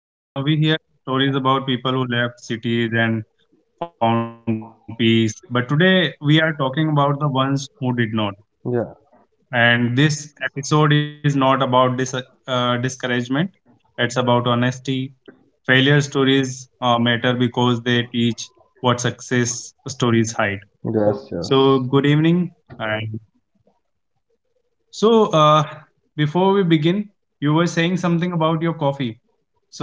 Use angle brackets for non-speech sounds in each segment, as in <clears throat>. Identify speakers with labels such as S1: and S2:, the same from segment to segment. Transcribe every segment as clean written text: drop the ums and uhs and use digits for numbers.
S1: We hear we hear stories about people who left cities and found peace, but today we are talking about the ones who did not.
S2: Yeah.
S1: And this episode is not about discouragement; it's about honesty. Failure stories matter because they teach what success stories hide.
S2: Yes, <laughs> yes.
S1: So good evening. And so Before we begin, you were saying something about your coffee.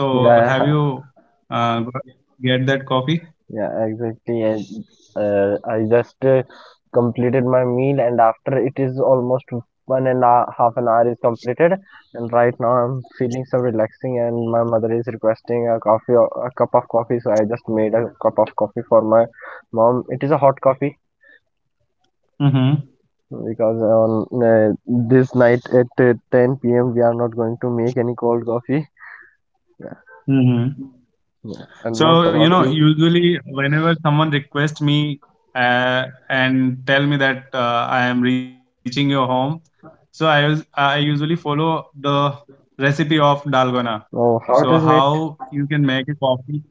S1: So have
S2: Yeah,
S1: you uh, got- get that coffee?
S2: yeah, exactly. I just completed my meal, and after it is almost one and a half an hour is completed, and right now I'm feeling so relaxing, and my mother is requesting a coffee, or a cup of coffee, so I just made a cup of coffee for my mom. It is a hot coffee
S1: Mm-hmm.
S2: because on this night at 10 p.m. we are not going to make any cold coffee. Yeah,
S1: Mm-hmm.
S2: yeah. And what
S1: So, you
S2: about
S1: know,
S2: you?
S1: usually whenever someone requests me and tell me that I am reaching your home, so I usually follow the recipe of dalgona.
S2: Oh, how it
S1: So,
S2: is made?
S1: how you can make a coffee?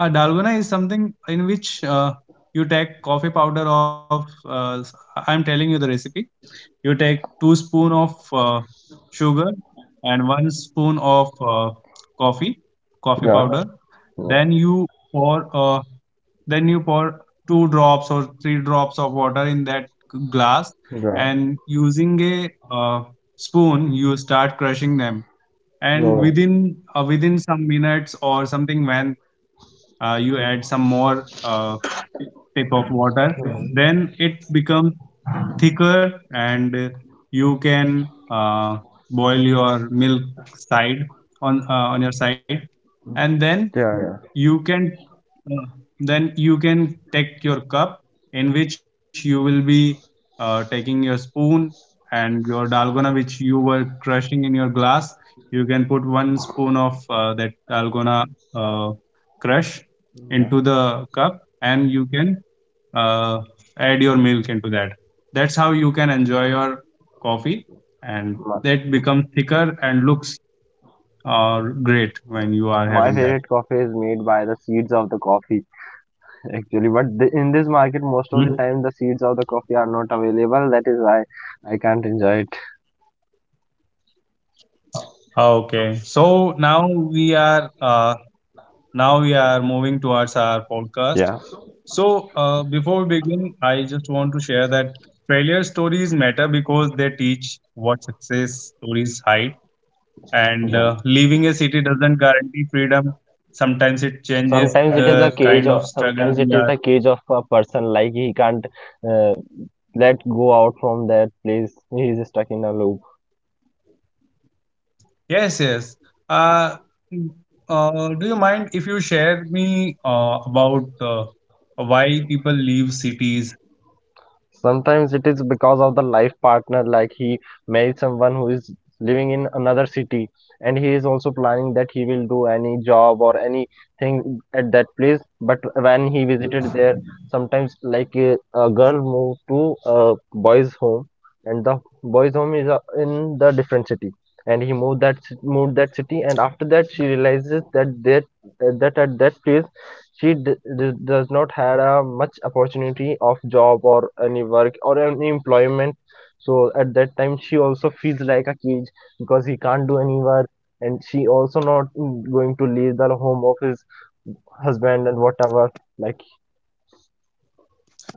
S1: Dalgona is something in which you take coffee powder of. I'm telling you the recipe. You take two spoon of sugar and one spoon of coffee powder,
S2: Yeah. Yeah.
S1: then you pour uh, two drops or three drops of water in that glass,
S2: Yeah.
S1: and using a spoon you start crushing them, and
S2: No.
S1: within some minutes or something, when you add some more tip of water,
S2: Yeah.
S1: then it becomes thicker, and you can boil your milk side on your side. And then
S2: Yeah. Yeah.
S1: you can uh, then you can take your cup in which you will be taking your spoon and your dalgona which you were crushing in your glass. You can put one spoon of that dalgona uh, crush
S2: Yeah.
S1: into the cup, and you can uh, add your milk into that. That's how you can enjoy your coffee, and
S2: My,
S1: that becomes thicker and looks great when you are
S2: my
S1: having that.
S2: favorite coffee is made by the seeds of the coffee, <laughs> actually. But in this market, most of the
S1: Hmm.
S2: time, the seeds of the coffee are not available. That is why I can't enjoy it.
S1: Okay, so now we are moving towards our podcast.
S2: Yeah.
S1: Before we begin, I just want to share that failure stories matter because they teach what success stories hide. And
S2: Yeah.
S1: leaving a city doesn't guarantee freedom, sometimes it changes the
S2: Sometimes it is a
S1: kind of
S2: cage. Of,
S1: struggle we
S2: sometimes
S1: are.
S2: it is the cage of a person. Like he can't uh, let go out from that place. He is stuck in a loop.
S1: Yes, yes, uh, mm, do you mind if you share me about why people leave cities?
S2: Sometimes it is because of the life partner, like he married someone who is living in another city and he is also planning that he will do any job or anything at that place. But when he visited there, sometimes like a girl moved to a boy's home and the boy's home is in the different city and he moved moved that city and after that she realizes that that at that place she does not had a much opportunity of job or any work or any employment, so at that time she also feels like a cage because he can't do any work, and she also not going to leave the home of his husband and whatever like.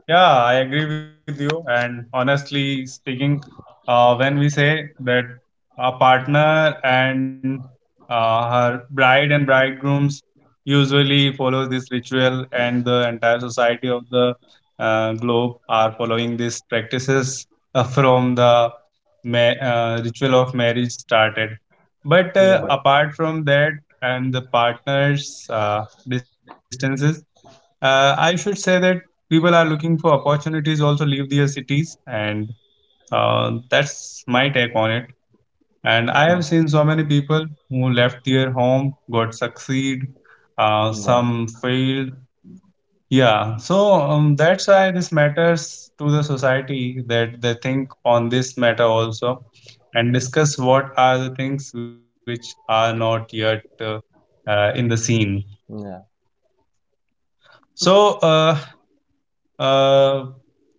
S1: Yeah, I agree with you. And honestly speaking, when we say that a partner and her bride and bridegrooms usually follow this ritual, and the entire society of the globe are following these practices from the ritual of marriage started. But
S2: Yeah. But
S1: apart from that, and the partners' distances, I should say that people are looking for opportunities also leave their cities, and that's my take on it. And I have
S2: oh,
S1: seen so many people who left their home, got succeed,
S2: yeah,
S1: some failed. Yeah, so that's why this matters to the society that they think on this matter also and discuss what are the things which are not yet in the scene.
S2: yeah,
S1: So, uh, Uh,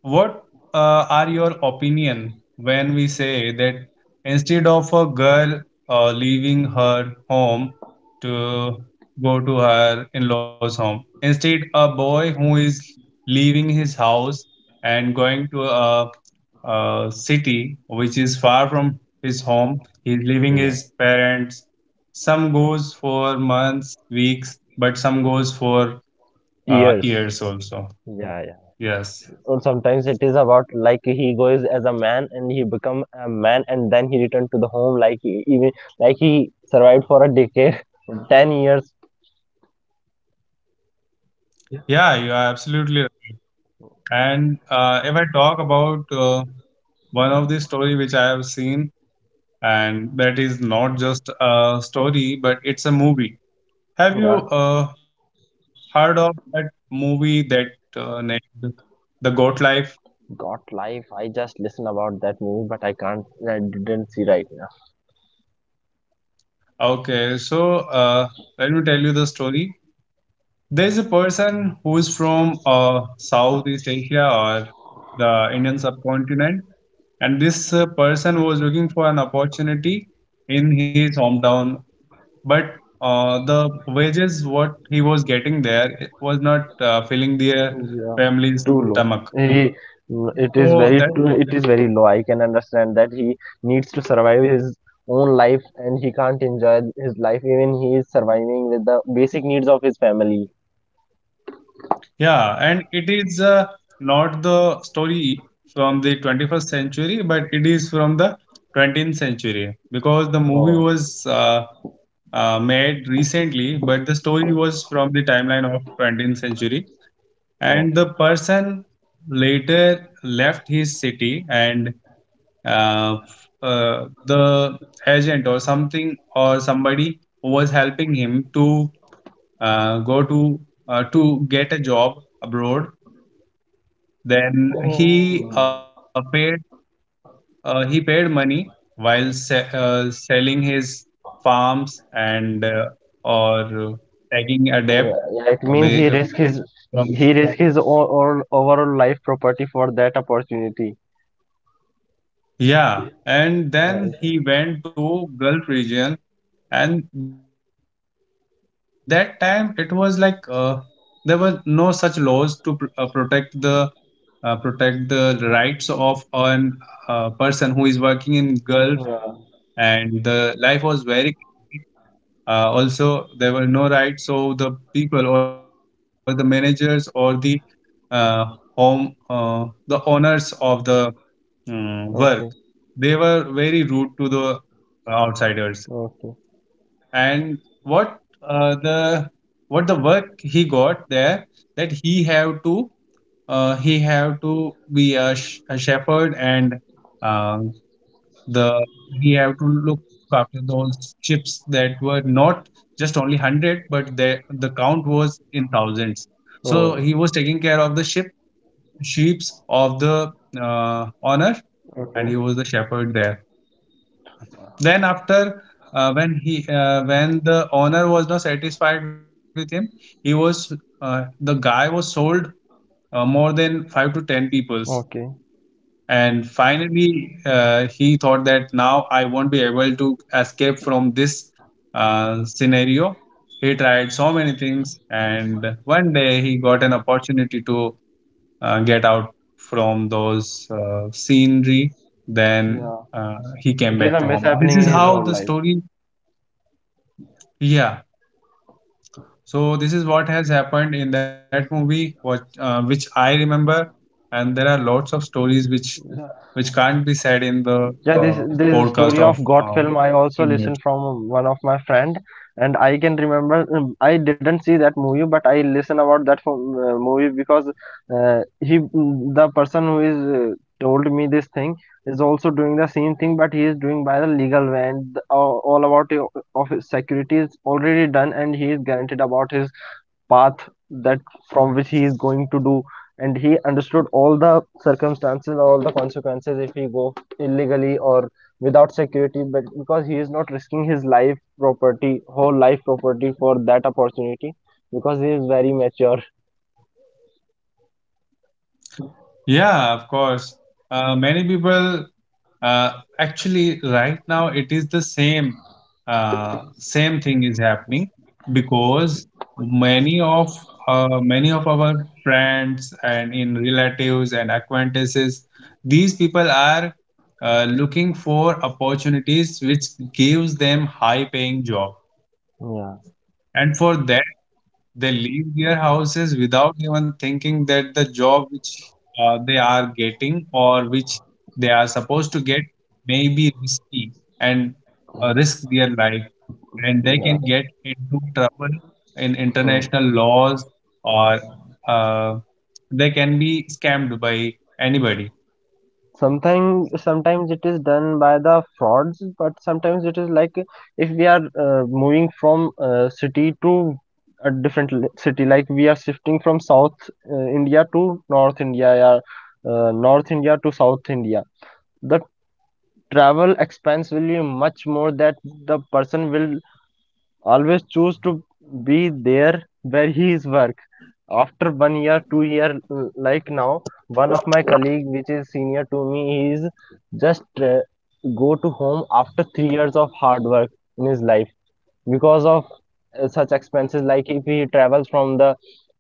S1: what are your opinion when we say that, instead of a girl leaving her home to go to her in-laws home, instead a boy who is leaving his house and going to a city which is far from his home, he's leaving
S2: yeah,
S1: his parents. Some goes for months, weeks, but some goes for
S2: years.
S1: years also.
S2: Yeah Yeah.
S1: Yes.
S2: Or sometimes it is about like he goes as a man and he become a man and then he returned to the home, like he, even like he survived for a decade, <laughs> 10 years.
S1: Yeah, you are absolutely right. And if I talk about one of the story which I have seen, and that is not just a story, but it's a movie. Have you
S2: Yeah.
S1: heard of that movie that named The Goat Life?
S2: Got life, I just listen about that movie but I can't, I didn't see right now.
S1: Okay, so let me tell you the story. There's a person who is from Southeast Asia or the Indian subcontinent, and this person was looking for an opportunity in his hometown, but the wages what he was getting there, it was not filling their
S2: Yeah.
S1: family's
S2: Too low.
S1: stomach.
S2: He it is
S1: So that,
S2: it is very low. I can understand that he needs to survive his own life and he can't enjoy his life, even he is surviving with the basic needs of his family.
S1: yeah. And it is not the story from the 21st century, but it is from the 20th century, because the movie
S2: Oh.
S1: was made recently, but the story was from the timeline of 20th century. And
S2: Okay.
S1: the person later left his city, and uh, the agent or something or somebody was helping him to go to get a job abroad. Then he
S2: Oh,
S1: paid he paid money while selling his farms and or taking a debt
S2: yeah, yeah, it means
S1: away
S2: he risked his,
S1: from.
S2: he risked his all, overall life property for that opportunity.
S1: Yeah, and then
S2: Right.
S1: he went to gulf region, and that time it was like there were no such laws to protect the protect the rights of an person who is working in gulf, and
S2: Yeah.
S1: the life was very also there were no rights. So the people or the managers or the uh, home the owners of the work, they
S2: Okay.
S1: were very rude to the outsiders.
S2: Okay.
S1: And what uh, the the work he got there, that he have to be a, a shepherd, and um, the he have to look after those ships that were not just only 100, but the count was in thousands. So
S2: Oh.
S1: he was taking care of the ship sheeps of the honor,
S2: Okay.
S1: and he was the shepherd there. Then after when he when the owner was not satisfied with him, he was the guy was sold more than five to ten peoples.
S2: Okay.
S1: And finally, he thought that now I won't be able to escape from this scenario. He tried so many things, and one day he got an opportunity to get out from those scenery. Then
S2: Yeah.
S1: he came
S2: It is a
S1: back to home. This
S2: mishappening
S1: is
S2: in his
S1: how
S2: whole
S1: the
S2: life.
S1: story, yeah. So this is what has happened in that movie, what which I remember, and there are lots of stories which can't be said in the
S2: Yeah, this this story
S1: podcast
S2: of
S1: of
S2: God film I also
S1: few
S2: listened
S1: minutes.
S2: from one of my friend, and I can remember, I didn't see that movie, but I listen about that for, movie because the person who is told me this thing is also doing the same thing, but he is doing by the legal way, and all about of his security is already done, and he is guaranteed about his path that from which he is going to do, and he understood all the circumstances, all the consequences, if he go illegally or without security. But because he is not risking his life property, whole life property, for that opportunity, because he is very mature.
S1: Yeah, of course. Many people, Uh, actually, right now it is the same same thing is happening, because many of our friends and in relatives and acquaintances, these people are looking for opportunities which gives them high paying job,
S2: Yeah,
S1: and for them. They leave their houses without even thinking that the job which they are getting or which they are supposed to get may be risky, and risk their life. And they
S2: yeah.
S1: can get into trouble in international laws or uh, they can be scammed by anybody.
S2: Sometimes, sometimes it is done by the frauds, but sometimes it is like if we are moving from city to a different city, like we are shifting from south india to north india, or north india to south india. The travel expense will be much more, that the person will always choose to be there where he is work. After 1 year, 2 year, like now one of my colleague which is senior to me, he is just go to home after 3 years of hard work in his life because of such expenses. Like if he travels from the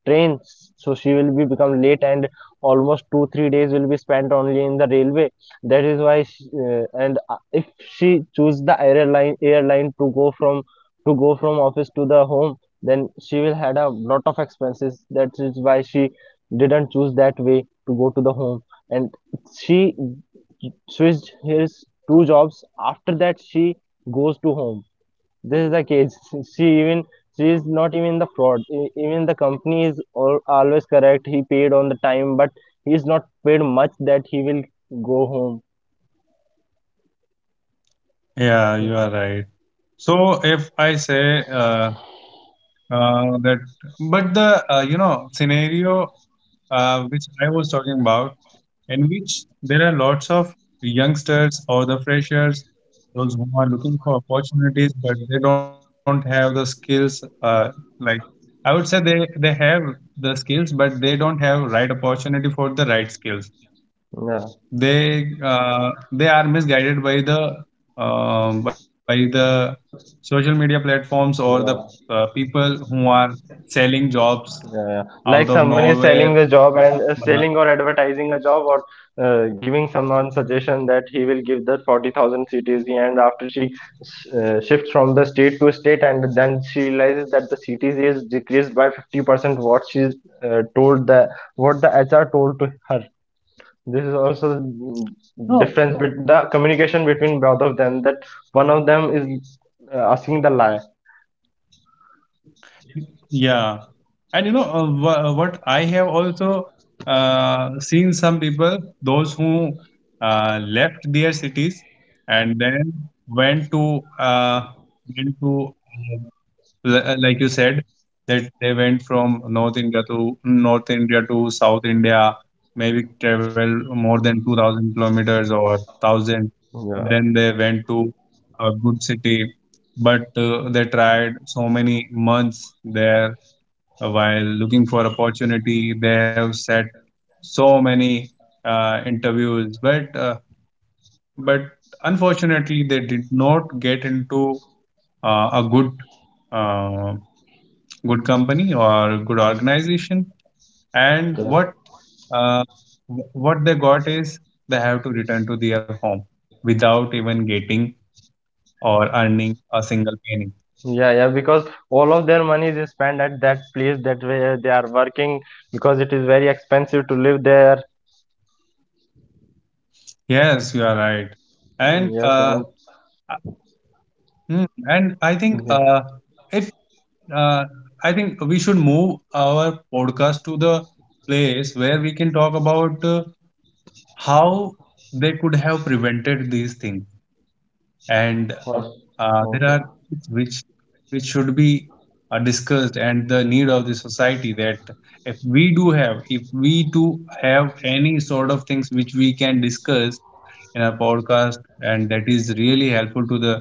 S2: train, so she will be become late, and almost 2 3 days will be spent only in the railway. That is why she, and if she choose the airline to go from, to go from office to the home, then she will had a lot of expenses. That is why she didn't choose that way to go to the home. And she switched his two jobs, after that she goes to home. This is the case. <laughs> She even, she is not even the fraud. Even the company is always correct, he paid on the time, but he is not paid much that he will go home.
S1: Yeah, you are right. So if I say that, but the You know, scenario which I was talking about, in which there are lots of youngsters or the freshers, those who are looking for opportunities, but they don't have the skills. Like, I would say, they have the skills, but they don't have right opportunity for the right skills.
S2: Yeah.
S1: They are misguided by the uh, by the social media platforms or the
S2: Yeah.
S1: people who are selling jobs
S2: Yeah, yeah.
S1: out of
S2: Like someone
S1: nowhere.
S2: is selling the job
S1: Uh,
S2: and selling or advertising a job, or giving someone suggestion that he will give the 40,000 CTC, and after she shifts from the state to state, and then she realizes that the CTC is decreased by 50% what she's told the what the HR told to her. This is also
S1: No,
S2: difference with the communication between both of them, that one of them is asking the lie.
S1: yeah. And you know what I have also seen some people, those who left their cities and then went to uh, like you said, that they went from North India to South India, maybe travel more than 2,000 kilometers or 1,000.
S2: Yeah.
S1: Then they went to a good city, but they tried so many months there while looking for opportunity. They have set so many interviews, but but unfortunately they did not get into a uh, good company or a good organization. And
S2: Yeah.
S1: what uh, what they got is they have to return to their home without even getting or earning a single penny.
S2: Yeah, yeah, because all of their money is spent at that place that where they are working because it is very expensive to live there.
S1: Yes, you are right. And
S2: Yes, and
S1: uh, and I think
S2: yeah,
S1: if uh, I think we should move our podcast to the place where we can talk about how they could have prevented these things, and
S2: or-
S1: There
S2: okay,
S1: are things which should be discussed, and the need of the society, that if we do have if we do have any sort of things which we can discuss in our podcast, and that is really helpful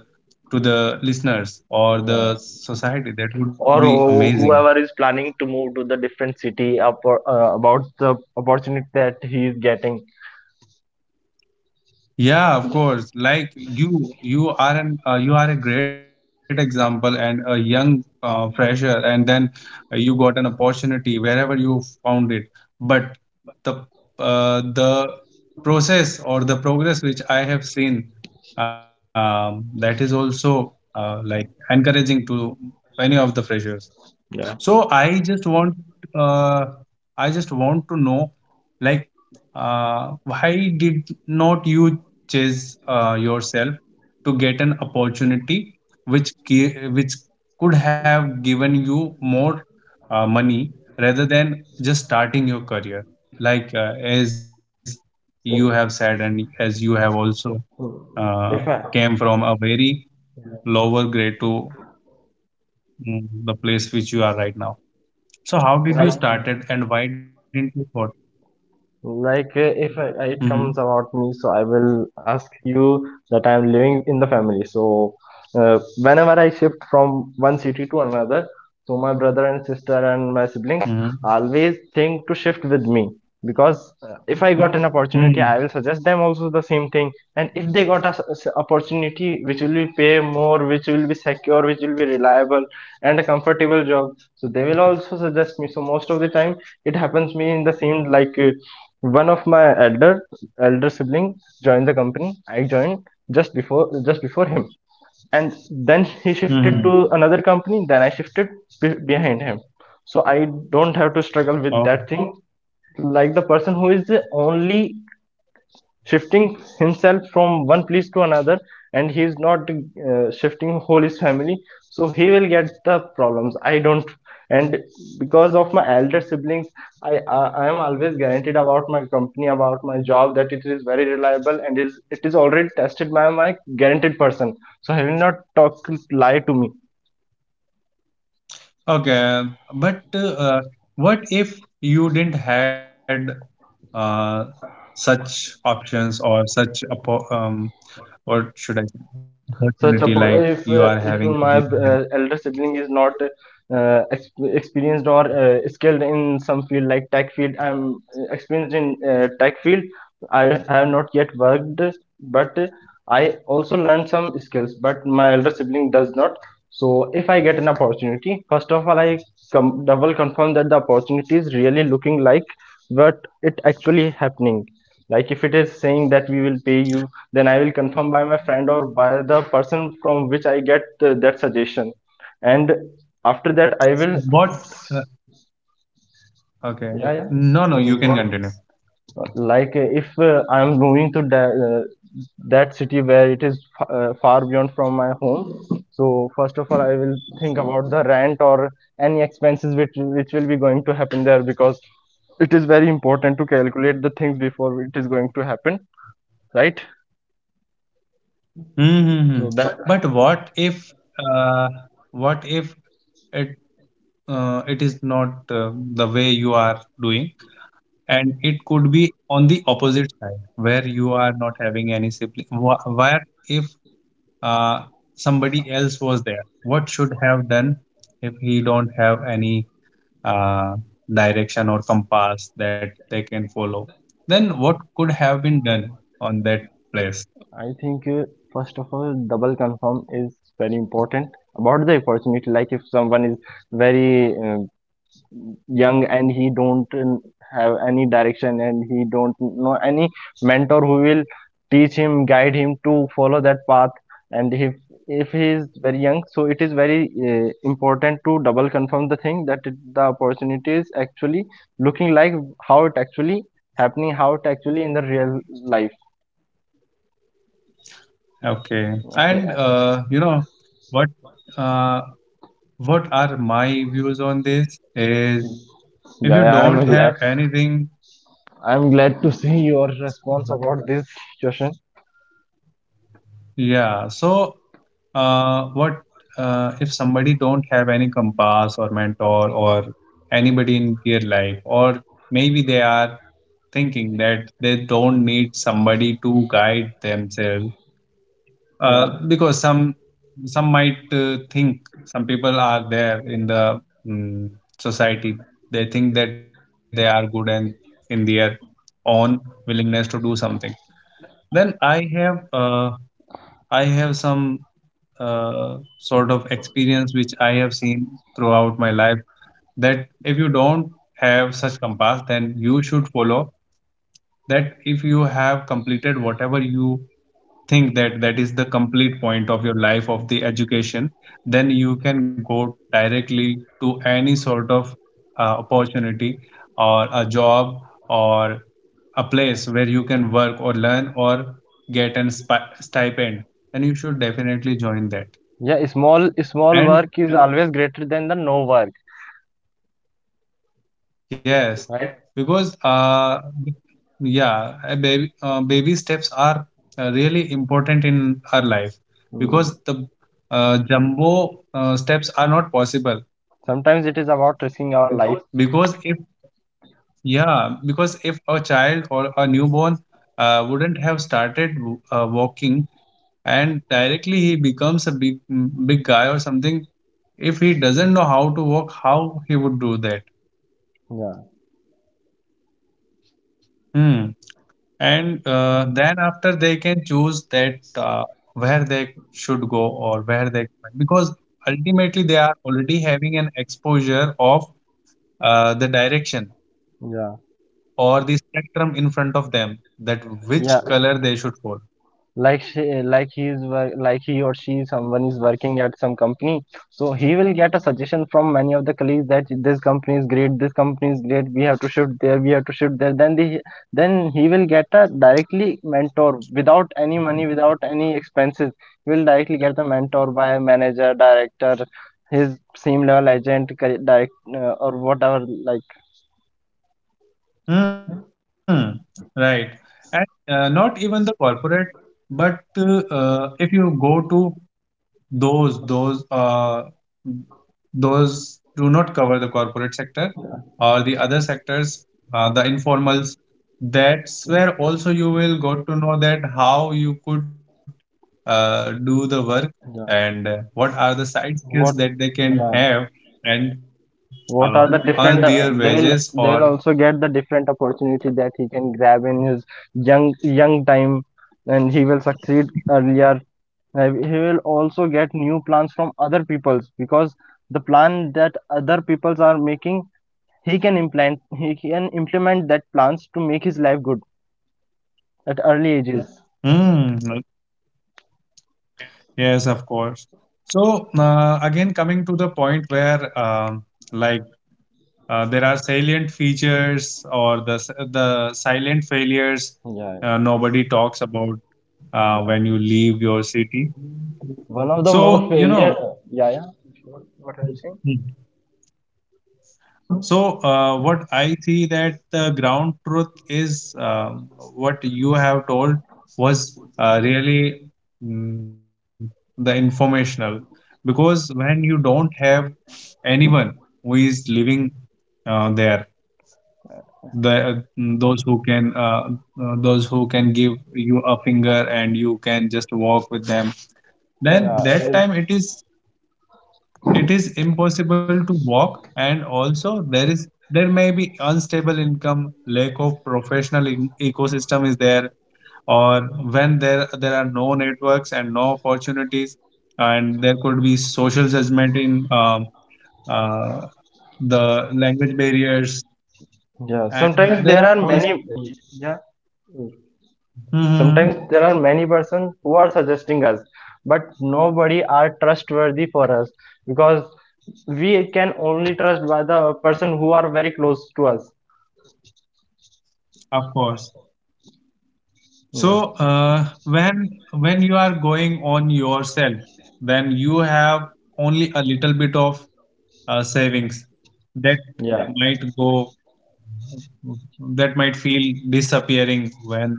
S1: to the listeners or the
S2: yeah.
S1: society, that would be
S2: Or who-
S1: amazing.
S2: whoever is planning to move to the different city up, about the opportunity that he is getting.
S1: Yeah, of course. Like you are an you are a great example and a young fresher, and then you got an opportunity wherever you found it. But the uh, the process or the progress which I have seen, that is also like encouraging to any of the freshers. So uh, I just want to know, like, why did not you chase yourself to get an opportunity which could have given you more money, rather than just starting your career, like as you have said and as you have also
S2: Mm,
S1: uh,
S2: If I,
S1: came from a very lower grade to the place which you are right now. So how did you
S2: I
S1: started and why didn't you thought?
S2: Like, if it
S1: Mm-hmm.
S2: comes about me, so I will ask you that I'm living in the family. So, whenever I shift from one city to another, so my brother and sister and my siblings
S1: Mm-hmm.
S2: always think to shift with me, because if I got an
S1: Mm-hmm.
S2: opportunity, I will suggest them also the same thing. And if they got a s- s- opportunity which will be pay more, which will be secure, which will be reliable and a comfortable job, so they will also suggest me. So most of the time, it happens me in the same like. One of my elder sibling joined the company I joined just before him, and then he shifted to
S1: Mm-hmm.
S2: another company, then I shifted behind him. So I don't have to struggle with
S1: Oh.
S2: that thing, like the person who is the only shifting himself from one place to another, and he is not shifting whole his family, so he will get the problems, I don't. And because of my elder siblings, I am always guaranteed about my company, about my job, that it is very reliable and is it is already tested by my guaranteed person, so he will not talk lie to me.
S1: Okay, but what if you didn't had uh, such options or such what should I say opportunity like you are
S2: If
S1: having
S2: if my
S1: siblings?
S2: elder sibling is not experienced or skilled in some field, like tech field, I'm experienced in tech field. I have not yet worked, but I also learned some skills, but my elder sibling does not. So if I get an opportunity, first of all I double confirm that the opportunity is really looking like what it actually happening. Like if it is saying that we will pay you, then I will confirm by my friend, or by the person from which I get that suggestion, and after that I will,
S1: What? Uh, okay,
S2: yeah,
S1: no, no,
S2: yeah,
S1: you can
S2: what-
S1: continue.
S2: like if I am moving to that, that city where it is far beyond from my home, so first of all I will think about the rent or any expenses which will be going to happen there, because it is very important to calculate the things before it is going to happen, right?
S1: Mm-hmm.
S2: So that,
S1: But uh, what if it it is not the way you are doing? And it could be on the opposite side where you are not having any where if uh, somebody else was there, what should have done if he don't have any uh, direction or compass that they can follow, then what could have been done on that place.
S2: I think, first of all, double confirm is very important about the opportunity. Like if someone is very young and he don't have any direction, and he don't know any mentor who will teach him, guide him to follow that path. And if he is very young, so it is very important to double confirm the thing that it, the opportunity is actually looking like how it actually happening, how it actually in the real life.
S1: Okay, and
S2: Okay,
S1: uh, what uh, what are my views on this is if you
S2: yeah, yeah,
S1: don't
S2: I'm
S1: have
S2: glad.
S1: anything.
S2: I'm glad to see your response about this question.
S1: Yeah, so what if somebody don't have any compass or mentor or anybody in their life, or maybe they are thinking that they don't need somebody to guide themselves.
S2: Yeah.
S1: Because some might think, some people are there in the mm society, they think that they are good and in their own willingness to do something. Then I have some sort of experience which I have seen throughout my life, that if you don't have such compass, then you should follow that if you have completed whatever you think that that is the complete point of your life of the education, then you can go directly to any sort of opportunity or a job or a place where you can work or learn or get an stipend, then you should definitely join that.
S2: Yeah, small small
S1: And
S2: work is always greater than the no work,
S1: yes,
S2: right?
S1: because yeah, a baby steps are really important in our life,
S2: Hmm.
S1: because the jumbo steps are not possible.
S2: Sometimes it is about risking our life.
S1: Because if yeah because if a child or a newborn wouldn't have started walking, and directly he becomes a big big guy or something, if he doesn't know how to walk, how he would do that?
S2: Yeah,
S1: Hmm. And then after they can choose that where they should go or where they, because ultimately they are already having an exposure of the direction
S2: yeah,
S1: or the spectrum in front of them, that
S2: yeah.
S1: which color they should follow.
S2: Like he or she, someone is working at some company. So he will get a suggestion from many of the colleagues that this company is great, this company is great, we have to shift there, we have to shift there. Then he will get a directly mentor without any money, without any expenses. He will directly get the mentor by manager, director, his same level agent, direct or whatever, like.
S1: Hmm, right. And not even the corporate, but if you go to those those do not cover the corporate sector
S2: Yeah,
S1: or the other sectors, the informals. That's
S2: yeah.
S1: where also you will got to know that how you could do the work,
S2: Yeah.
S1: and what are the side skills
S2: What?
S1: that they can
S2: Yeah,
S1: have, and uh,
S2: what are
S1: earn
S2: the
S1: their
S2: different
S1: wages.
S2: they will
S1: Or
S2: they will also get the different opportunity that he can grab in his young young time, and he will succeed earlier. He will also get new plans from other peoples, because the plan that other peoples are making, he can implement that plans to make his life good at early ages.
S1: hmm, yes, of course. So again, coming to the point where, um, like, there are salient features or the the silent failures
S2: Yeah, yeah,
S1: nobody talks about
S2: yeah.
S1: when you leave your city.
S2: One of the more
S1: So you
S2: failure.
S1: know.
S2: Yeah, yeah,
S1: Hmm. So what I see that the ground truth is, what you have told was really mm, the informational, because when you don't have anyone who is living there, the those who can uh, those who can give you a finger and you can just walk with them, then
S2: yeah, it is,
S1: that time it is, it is impossible to walk. And also there is there may be unstable income, lack of professional ecosystem is there, or when there are no networks and no opportunities, and there could be social judgment in, uh, the language barriers,
S2: yeah,
S1: and
S2: sometimes there
S1: there
S2: are
S1: are
S2: many.
S1: also
S2: Yeah,
S1: <laughs>
S2: sometimes
S1: mhm,
S2: there are many persons who are suggesting us, but nobody are trustworthy for us, because we can only trust by the person who are very close to us.
S1: of course.
S2: Yeah.
S1: So when you are going on yourself, then you have only a little bit of savings that
S2: Yeah,
S1: might go, that might feel disappearing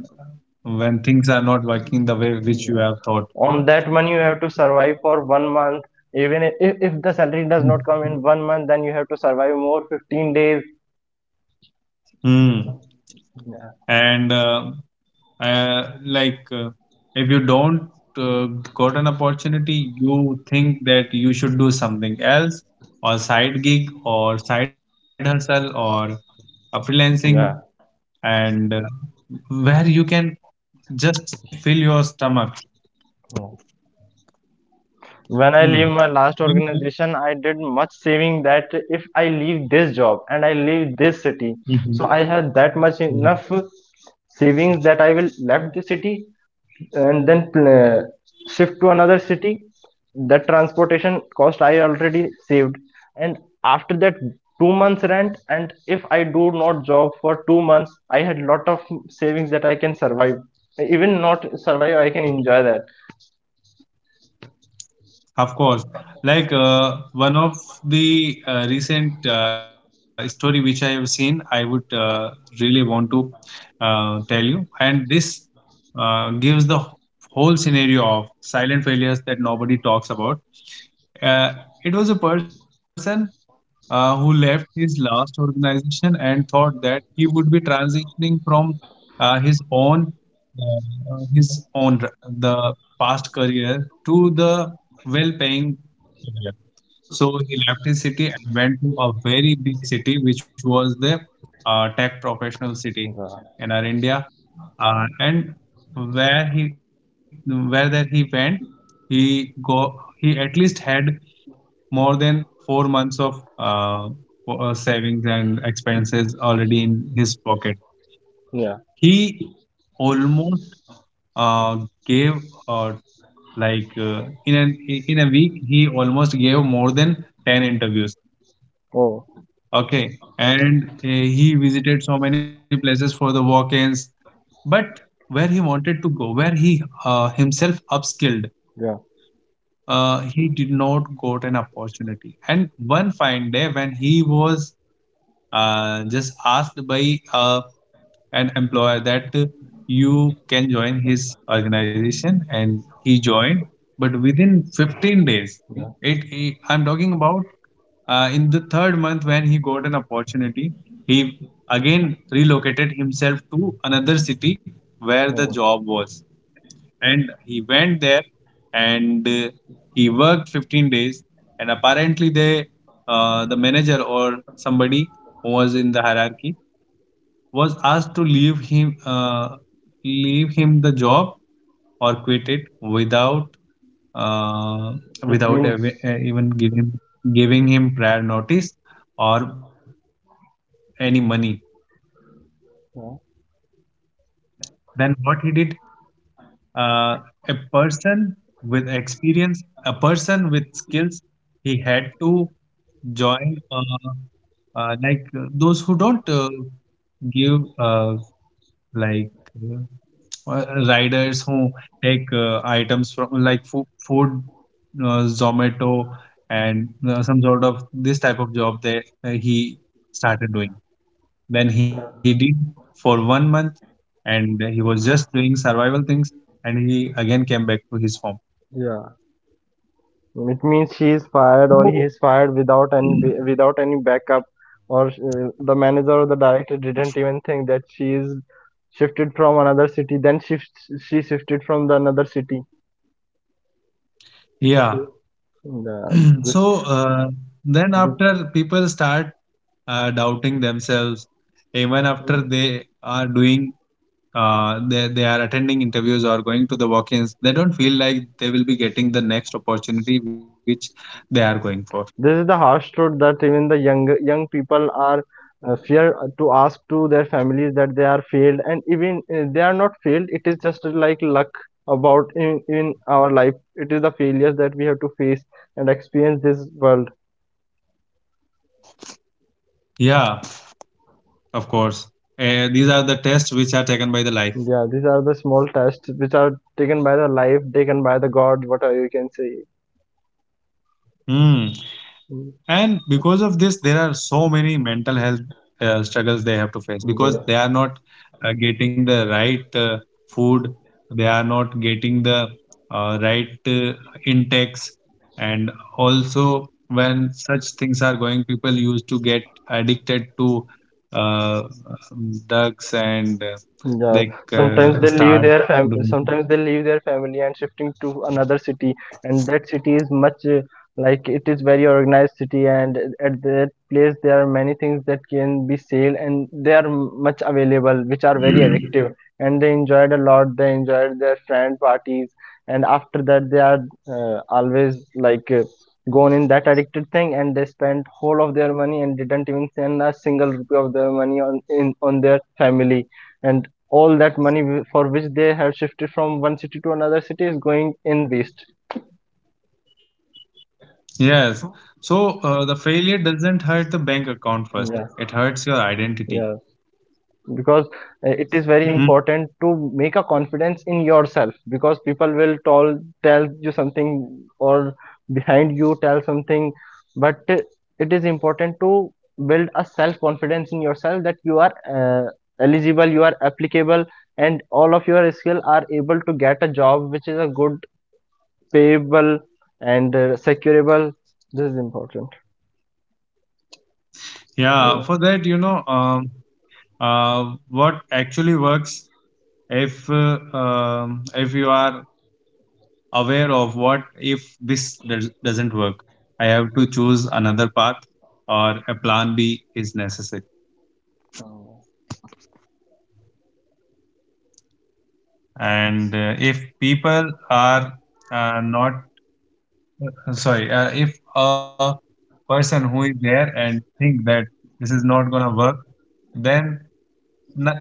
S1: when things are not working the way which you
S2: yeah.
S1: have thought.
S2: On that money you have to survive for 1 month. Even if the salary does not come in 1 month, then you have to survive more 15 days.
S1: Hmm.
S2: Yeah.
S1: And uh, like uh, if you don't uh, got an opportunity, you think that you should do something else, or side gig or side hustle or freelancing,
S2: Yeah.
S1: and where you can just fill your stomach.
S2: Yeah. When I leave
S1: Hmm.
S2: my last
S1: Mm.
S2: organization, I did much saving that if I leave this job and I leave this city, so
S1: Mhm.
S2: I have that much
S1: Mhm.
S2: enough savings that I will left the city and then shift to another city. The transportation cost I already saved, and after that 2 months rent. And if I do not job for 2 months, I had lot of savings that I can survive. Even not survive, I can enjoy that.
S1: Of course. Like one of the recent story which I have seen, I would really want to tell you, and this gives the whole scenario of silent failures that nobody talks about. Uh, it was a person who left his last organization and thought that he would be transitioning from uh, his own uh, his own the past career to the well-paying career. So he left his city and went to a very big city, which was the tech professional city
S2: Yeah.
S1: in our India. And where he where that he went, he at least had more than 4 months of savings and expenses already in his pocket.
S2: Yeah.
S1: He almost uh, gave uh, in an in a week he almost gave more than 10 interviews.
S2: Oh.
S1: Okay, and he visited so many places for the walk-ins, but where he wanted to go, where he himself upskilled,
S2: Yeah.
S1: he did not got an opportunity. And one fine day, when he was just asked by an employer that you can join his organization, and he joined. But within 15 days,
S2: Yeah.
S1: it I'm talking about in the third month when he got an opportunity, he again relocated himself to another city where the
S2: Oh.
S1: job was, and he went there, and he worked 15 days, and apparently they, the manager or somebody who was in the hierarchy, was asked to leave him, leave him the job or quit it without uh,
S2: It
S1: without
S2: means.
S1: even giving him prior notice or any money.
S2: Yeah.
S1: Then what he did, uh, a person with experience, a person with skills, he had to join, those who don't give like uh, riders who take items from like food Zomato and some sort of this type of job, that he started doing. Then he did for 1 month, and he was just doing survival things, and he again came back to his form.
S2: Yeah. It means she is fired or
S1: So,
S2: he is fired without any backup, or the manager or the director didn't even think that she is shifted from another city. Then she shifted from the another city.
S1: yeah,
S2: Yeah.
S1: <clears throat> so then after people start doubting themselves. Even after they are doing they are attending interviews or going to the walk-ins, they don't feel like they will be getting the next opportunity which they are going for.
S2: This is the harsh truth that even the young young people are fear to ask to their families that they are failed, and even they are not failed. It is just like luck about in our life. It is the failures that we have to face and experience this world.
S1: Yeah, of course, these are the tests which are taken by the life.
S2: Yeah, these are the small tests which are taken by the life, taken by the God, whatever you can say.
S1: Hmm. And because of this, there are so many mental health struggles they have to face, because
S2: Yeah.
S1: they are not getting the right food, they are not getting the right intakes. And also when such things are going, people used to get addicted to uh, drugs, and
S2: Yeah,
S1: they
S2: sometimes they leave
S1: start
S2: their
S1: doing.
S2: sometimes they leave their family and shifting to another city, and that city is much like, it is very organized city, and at that place there are many things that can be sale, and they are much available, which are very
S1: <clears throat>
S2: addictive, and they enjoyed a lot. They enjoyed their friend parties, and after that they are always, like. Gone in that addicted thing, and they spent whole of their money and didn't even send a single rupee of their money on in on their family, and all that money for which they have shifted from one city to another city is going in waste.
S1: Yes. So the failure doesn't hurt the bank account first. It
S2: Yeah.
S1: hurts your identity.
S2: Yeah. Because it is
S1: Hmm.
S2: very important to make a confidence in yourself, because people will tell you something, or behind you tell something, but it is important to build a self confidence in yourself that you are uh, eligible, you are applicable, and all of your skill are able to get a job which is a good payable and securable. This is important.
S1: Yeah.
S2: Mm.
S1: For that, what actually works if you are aware of what if this does, doesn't work, I have to choose another path, or a plan B is necessary. And if people are not sorry, if a person who is there and think that this is not gonna work, then not,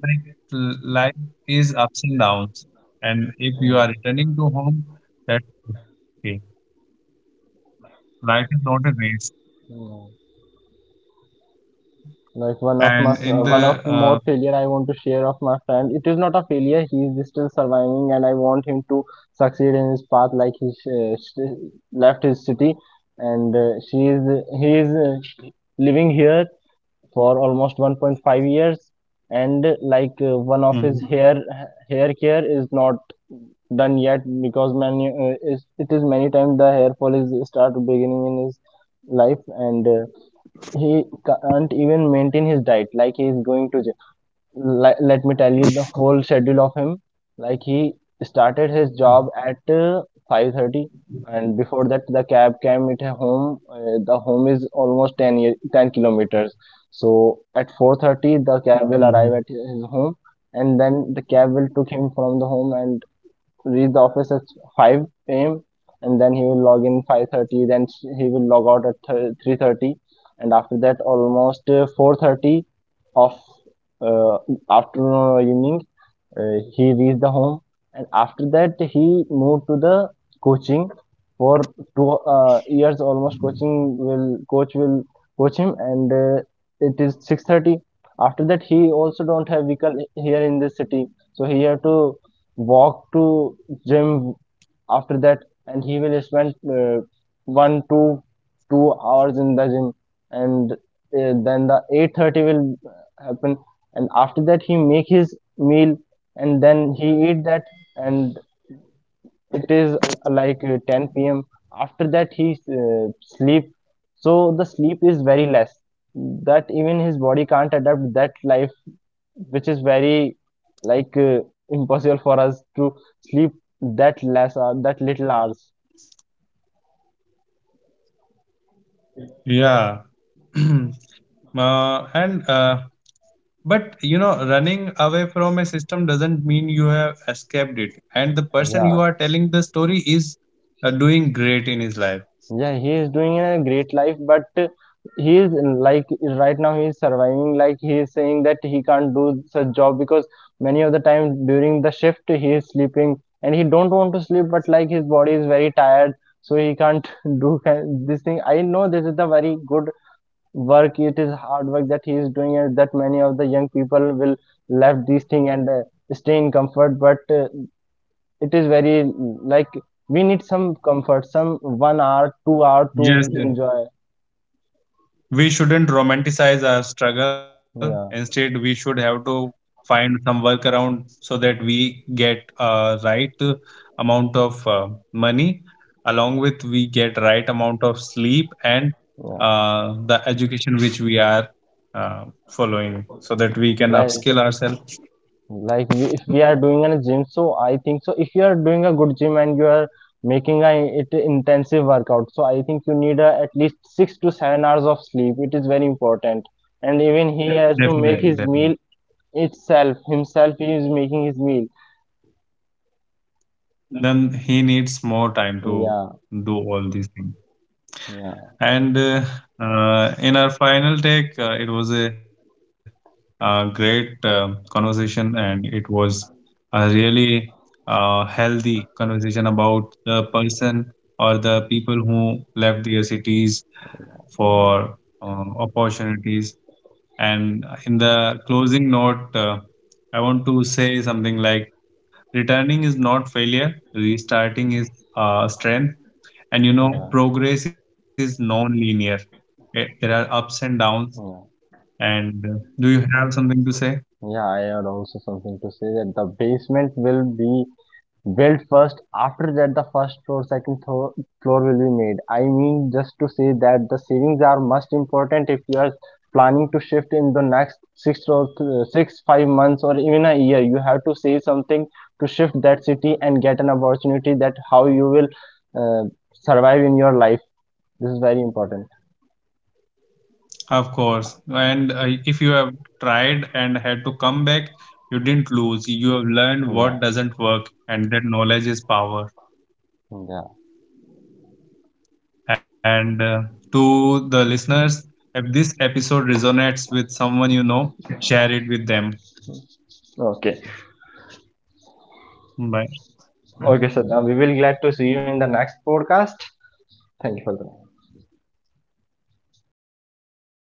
S1: life is ups and downs. And if you are
S2: Yeah.
S1: returning to home, that's okay. Life is not a race.
S2: Like
S1: And
S2: one of
S1: in
S2: my
S1: the
S2: one of more failure I want to share of my friend. It is not a failure, he is still surviving, and I want him to succeed in his path. Like he uh, sh- left his city, and she is he is living here for almost 1.5 years. And like one of his
S1: mhm.
S2: hair care is not done yet, because it is many times the hair fall is start beginning in his life. And he can't even maintain his diet. Like he is going to, let me tell you the whole schedule of him. Like he started his job at 5:30, and before that the cab came at a home. The home is almost 10 year, 10 kilometers, so at 4:30 the cab
S1: Mhm.
S2: will arrive at his home, and then the cab will took him from the home and reach the office at 5 a.m. And then he will log in 5:30. Then he will log out at 3:30, and after that almost 4:30 of uh, afternoon or evening, he reached the home. And after that he moved to the coaching for 2 years almost. Coaching will coach him, and it is 6:30. After that he also don't have vehicle here in this city, so he have to walk to gym. After that, and he will spend one two two hours in the gym, and then the 8:30 will happen. And after that he make his meal, and then he eat that, and it is like 10 p.m. After that he sleep. So the sleep is very less. That even his body can't adapt that life, which is very like impossible for us to sleep that less or that little hours.
S1: Yeah, <clears throat> and but you know, running away from a system doesn't mean you have escaped it. And the person
S2: Yeah.
S1: you are telling the story is doing great in his life.
S2: Yeah, he is doing a great life, but he is, like, right now he is surviving. Like he is saying that he can't do such job, because many of the time during the shift he is sleeping, and he don't want to sleep, but like his body is very tired, so he can't <laughs> do this thing. I know this is the very good work. It is hard work that he is doing, and that many of the young people will left this thing, and stay in comfort. But it is very like, we need some comfort, some 1 hour 2 hour to.
S1: Yes,
S2: Yeah.
S1: yes.
S2: Enjoy.
S1: We shouldn't romanticize our struggle.
S2: Yeah,
S1: Instead, we should have to find some workaround so that we get a right amount of money, along with we get right amount of sleep and
S2: yeah.
S1: the education which we are following, so that we can
S2: like
S1: upskill ourselves.
S2: like we, if we are doing a gym, so I think so if you are doing a good gym and you are making a it intensive workout, so I think you need at least 6 to 7 hours of sleep, it is very important. And even he has to make
S1: Definitely,
S2: his meal
S1: definitely.
S2: itself, himself he is making his meal.
S1: Then he needs more time to
S2: Yeah.
S1: do all these things.
S2: Yeah.
S1: And in our final take, it was a, great conversation, and it was a really healthy conversation about the person or the people who left their cities for opportunities. And in the closing note, I want to say something like, returning is not failure, restarting is strength. And you
S2: Yeah.
S1: know, progress is non linear. There are ups and downs.
S2: Yeah,
S1: And do you have something to say?
S2: yeah, I had also something to say that the basement will be built first, after that the first floor, second floor, will be made. I mean just to say that the savings are most important if you are planning to shift in the next 5 months or even a year. You have to save something to shift that city and get an opportunity that how you will uh, survive in your life. This is very important.
S1: Of course. And if you have tried and had to come back, you didn't lose. You have learned
S2: Yeah,
S1: what doesn't work, and that knowledge is power.
S2: yeah.
S1: And to the listeners, if this episode resonates with someone you know, share it with them.
S2: Okay.
S1: Bye.
S2: Okay, sir. So now we will glad to see you in the next podcast. Thank you for the